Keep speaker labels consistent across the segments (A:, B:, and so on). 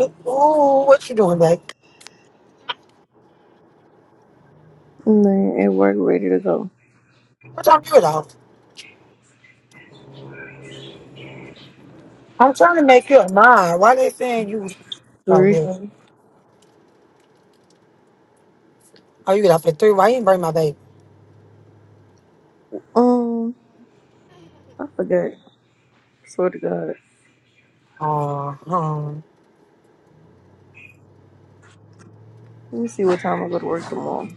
A: Ooh, what you doing, babe?
B: Man, at work, ready to go.
A: What time you get off? I'm trying to make you a nine. Why they saying you? Oh,
B: Three.
A: yeah. Oh, you get off at three. Why you didn't bring my baby?
B: Um, I forgot. Swear to God.
A: Uh, huh.
B: Let me see what time I go to work tomorrow.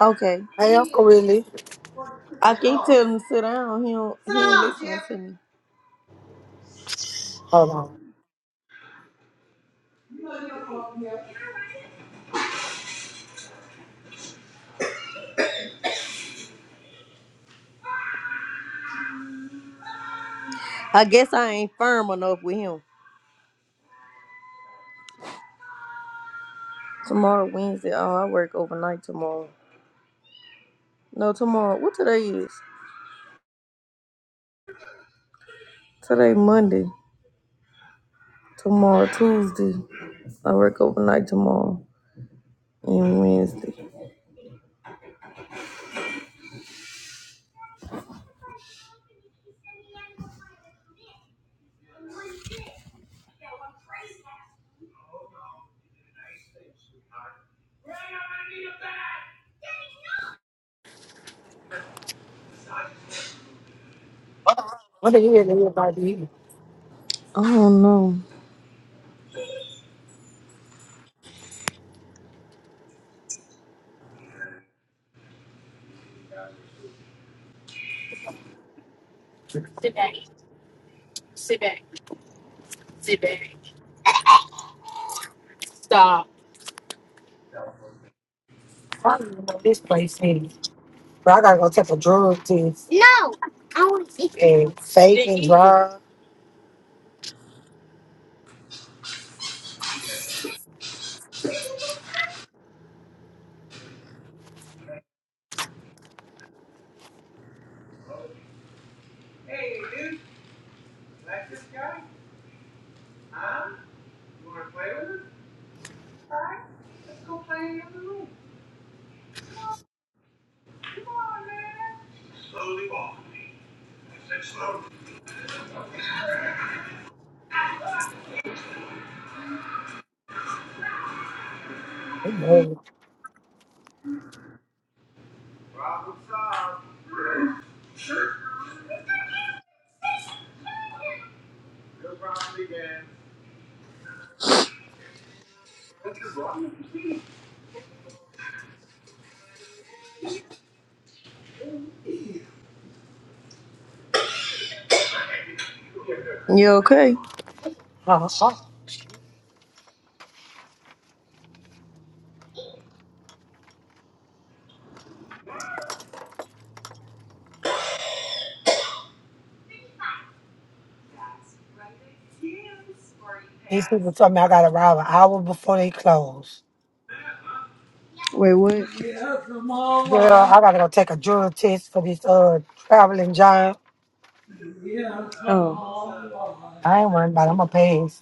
B: Okay.
A: hey, Uncle Willie.
B: I keep telling him to sit down. He don't, he ain't listening to me.
A: Hold on.
B: I guess I ain't firm enough with him. Tomorrow, Wednesday. Oh, I work overnight tomorrow. No, tomorrow. What today is? Today, Monday. Tomorrow, Tuesday. I work overnight tomorrow and Wednesday.
A: What do you hear that everybody eating?
B: I don't know.
A: I don't even know this place is. But I gotta go take a drug test and fake and drive. Oh, no.
B: You okay?
A: Uh-huh. These people told me I gotta arrive an hour before they close.
B: Wait, what?
A: Girl, I gotta go take a drug test for this uh traveling giant.
B: Oh.
A: I ain't worried about it. I'm gonna pass.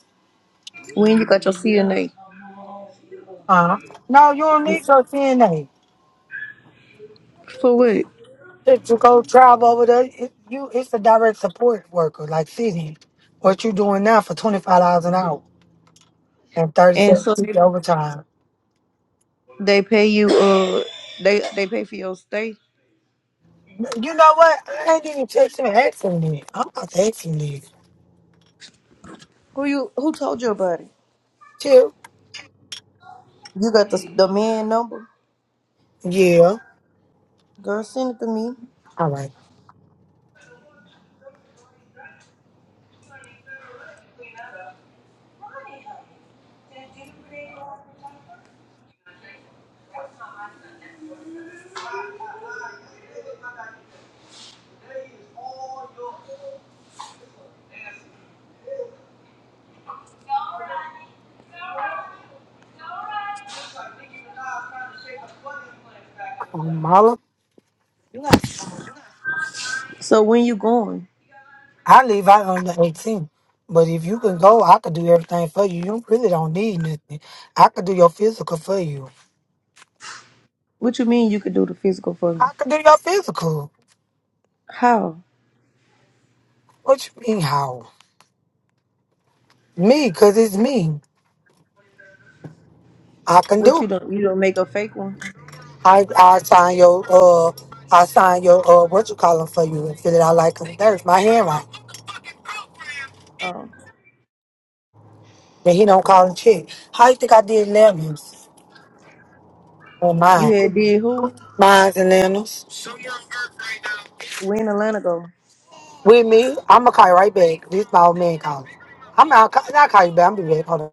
B: When you got your CNA?
A: Uh, no, you don't need your CNA.
B: For what?
A: If you go travel over there, it, you it's a direct support worker, like sitting. What you doing now for twenty five dollars an hour and thirty
B: And
A: cents
B: so
A: thirty seven fifty
B: they,
A: overtime?
B: they pay you uh they they pay for your stay.
A: You know what? I ain't even texting and asking me. I'm not asking you.
B: Who you who told you about it?
A: Chill.
B: You got the the man number?
A: Yeah.
B: Girl, send it to me.
A: All right. Um, Mala,
B: So when you going?
A: I leave out on the 18th, But if you can go, I could do everything for you. You really don't need nothing. I could do your physical for you.
B: What you mean you could do the physical for me?
A: I could do your physical.
B: How?
A: What you mean how? Me, cause it's me. I can do.
B: What
A: It.
B: you don't you don't make a fake one?
A: I I sign your uh I sign your uh what you call 'em for you and fill it out like a nurse. My handwriting.
B: Um
A: Then he don't call and check. How you think I did lemons on
B: you
A: mine?
B: had did who?
A: Mine's and lemons.
B: When Atlanta go?
A: With me, I'ma call you right back. This my old man calling. I'm not, I'll call you back. I'm be back. Hold on.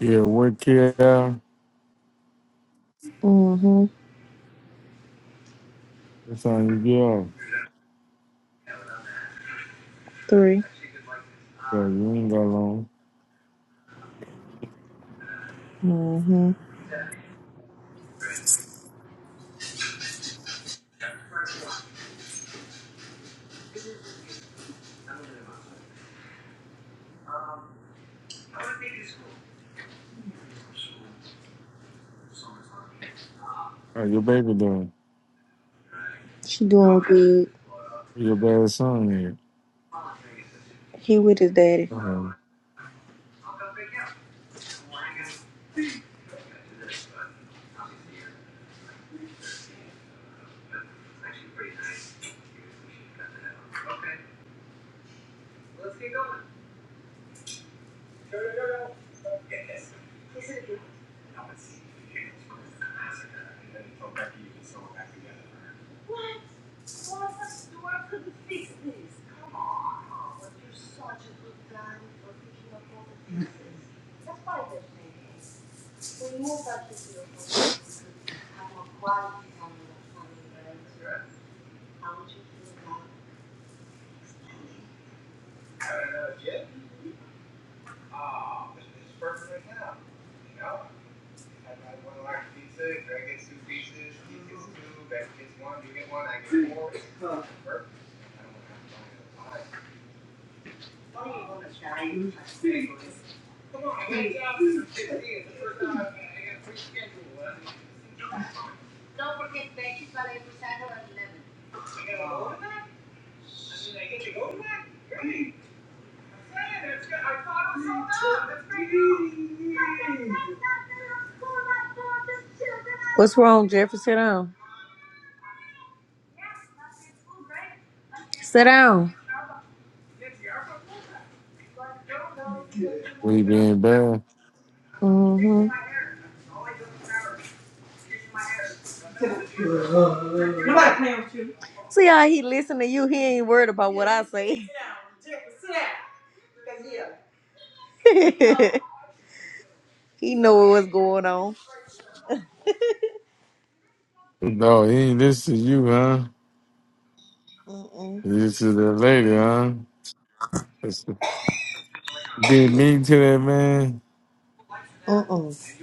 C: Yeah, work here.
B: Mm-hmm.
C: It's time to get off.
B: Three.
C: Yo, you ain't got long.
B: Mm-hmm.
C: How your baby doing?
B: She doing good.
C: How Your bad son here.
B: He with his daddy.
C: Okay.
B: What's wrong, Jeffrey? Sit down. Sit down.
C: What he being bad?
B: hmm See how he listen to you. He ain't worried about what I say. he know what's going on.
C: No, he ain't listen to you, huh?
B: Mm-mm.
C: He listen to that lady, huh? That's being mean to that man.
B: Mm-mm.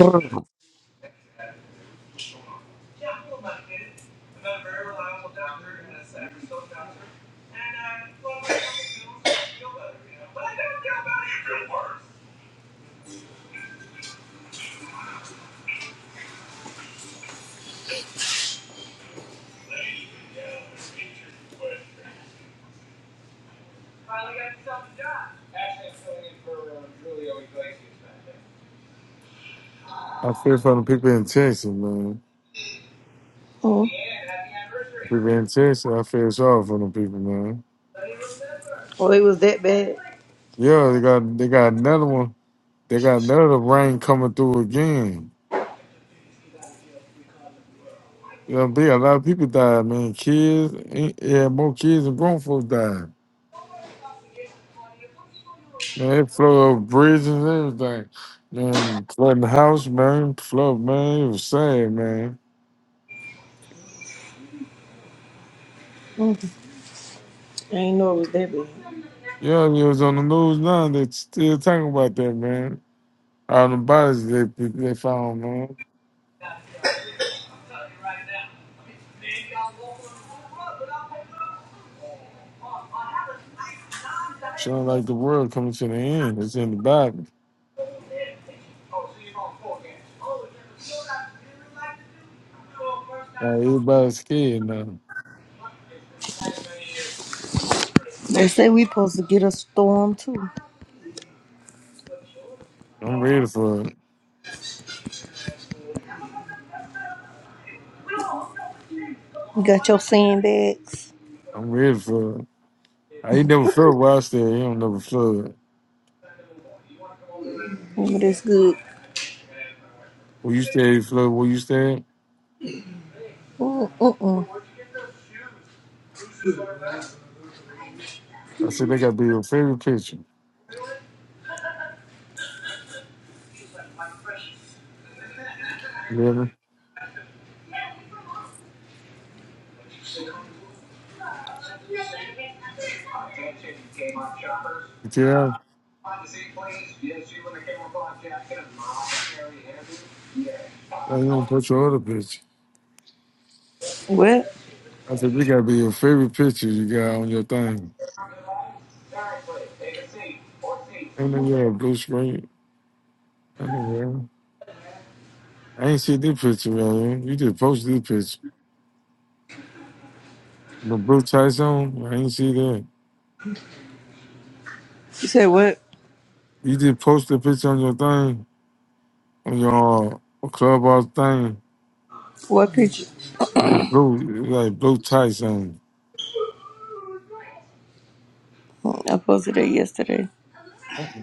D: Oh.
C: I feel for the people in Texas, man.
B: Mm.
C: People in Texas, I feel sorry for them people, man.
B: Oh, it was that bad.
C: Yeah, they got they got another one. They got another rain coming through again. You know, big, a lot of people died, man. Kids, eh, yeah, more kids and grown folks died. Man, it flooded up bridges and everything. Man, flooding the house, man. Flood, man. It was sad, man.
B: Mm. I ain't know it was that bad.
C: Yeah, it was on the news now. They still talking about that, man. All the bodies they they found, man. Showing like the world coming to the end. It's in the Bible. Like everybody's scared now.
B: They say we supposed to get a storm too.
C: I'm ready for it.
B: You got your sandbags.
C: I'm ready for it. I ain't never flood where I stay. It don't never flood.
B: Remember that's good.
C: Where you stay, flood where you stay.
B: Mm, Mm-mm.
C: I said, they got to be your favorite picture. You hear me? Yeah, I ain't gonna put your other picture.
B: What?
C: I said, they got to be your favorite picture you got on your thing. And then you have blue screen. I mean, yeah. I ain't see this picture, man. You just posted this picture. The blue tights on, I ain't see that.
B: You said what?
C: You just posted the picture on your thing, on your uh, clubhouse thing,
B: What picture?
C: with the blue, like blue tights on.
B: Mm, I posted it yesterday.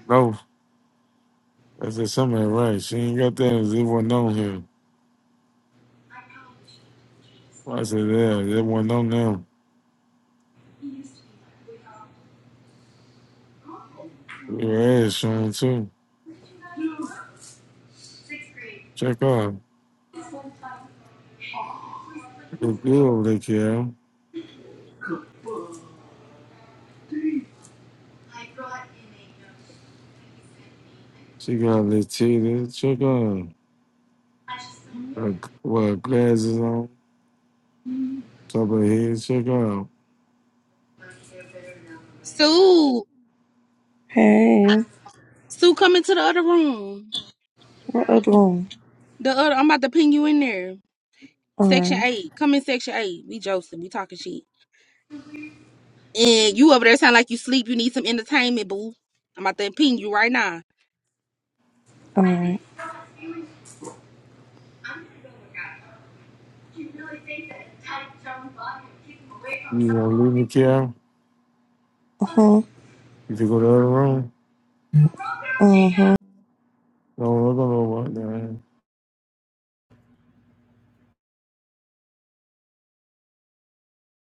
C: No, I said, something ain't right. She ain't got that. It wasn't on here. I said, yeah, it wasn't on them. Yeah, Sean too. Check out. Look good over there, Cal. She got a little titties. Check out. Her, what, glasses on? Top of her head. Check out.
E: Sue,
B: Hey,
E: Sue, come into the other room.
B: what other one?
E: The other, I'm about to ping you in there.
B: All
E: Section
B: right,
E: eight, come in section eight. We Joseph, we talking shit. And you over there sound like you sleep. You need some entertainment, boo. I'm about to ping you right now.
B: all right.
C: You want to leave me, Cal?
B: Uh huh.
C: If you go to the other room?
B: Uh huh.
C: Don't look on over there.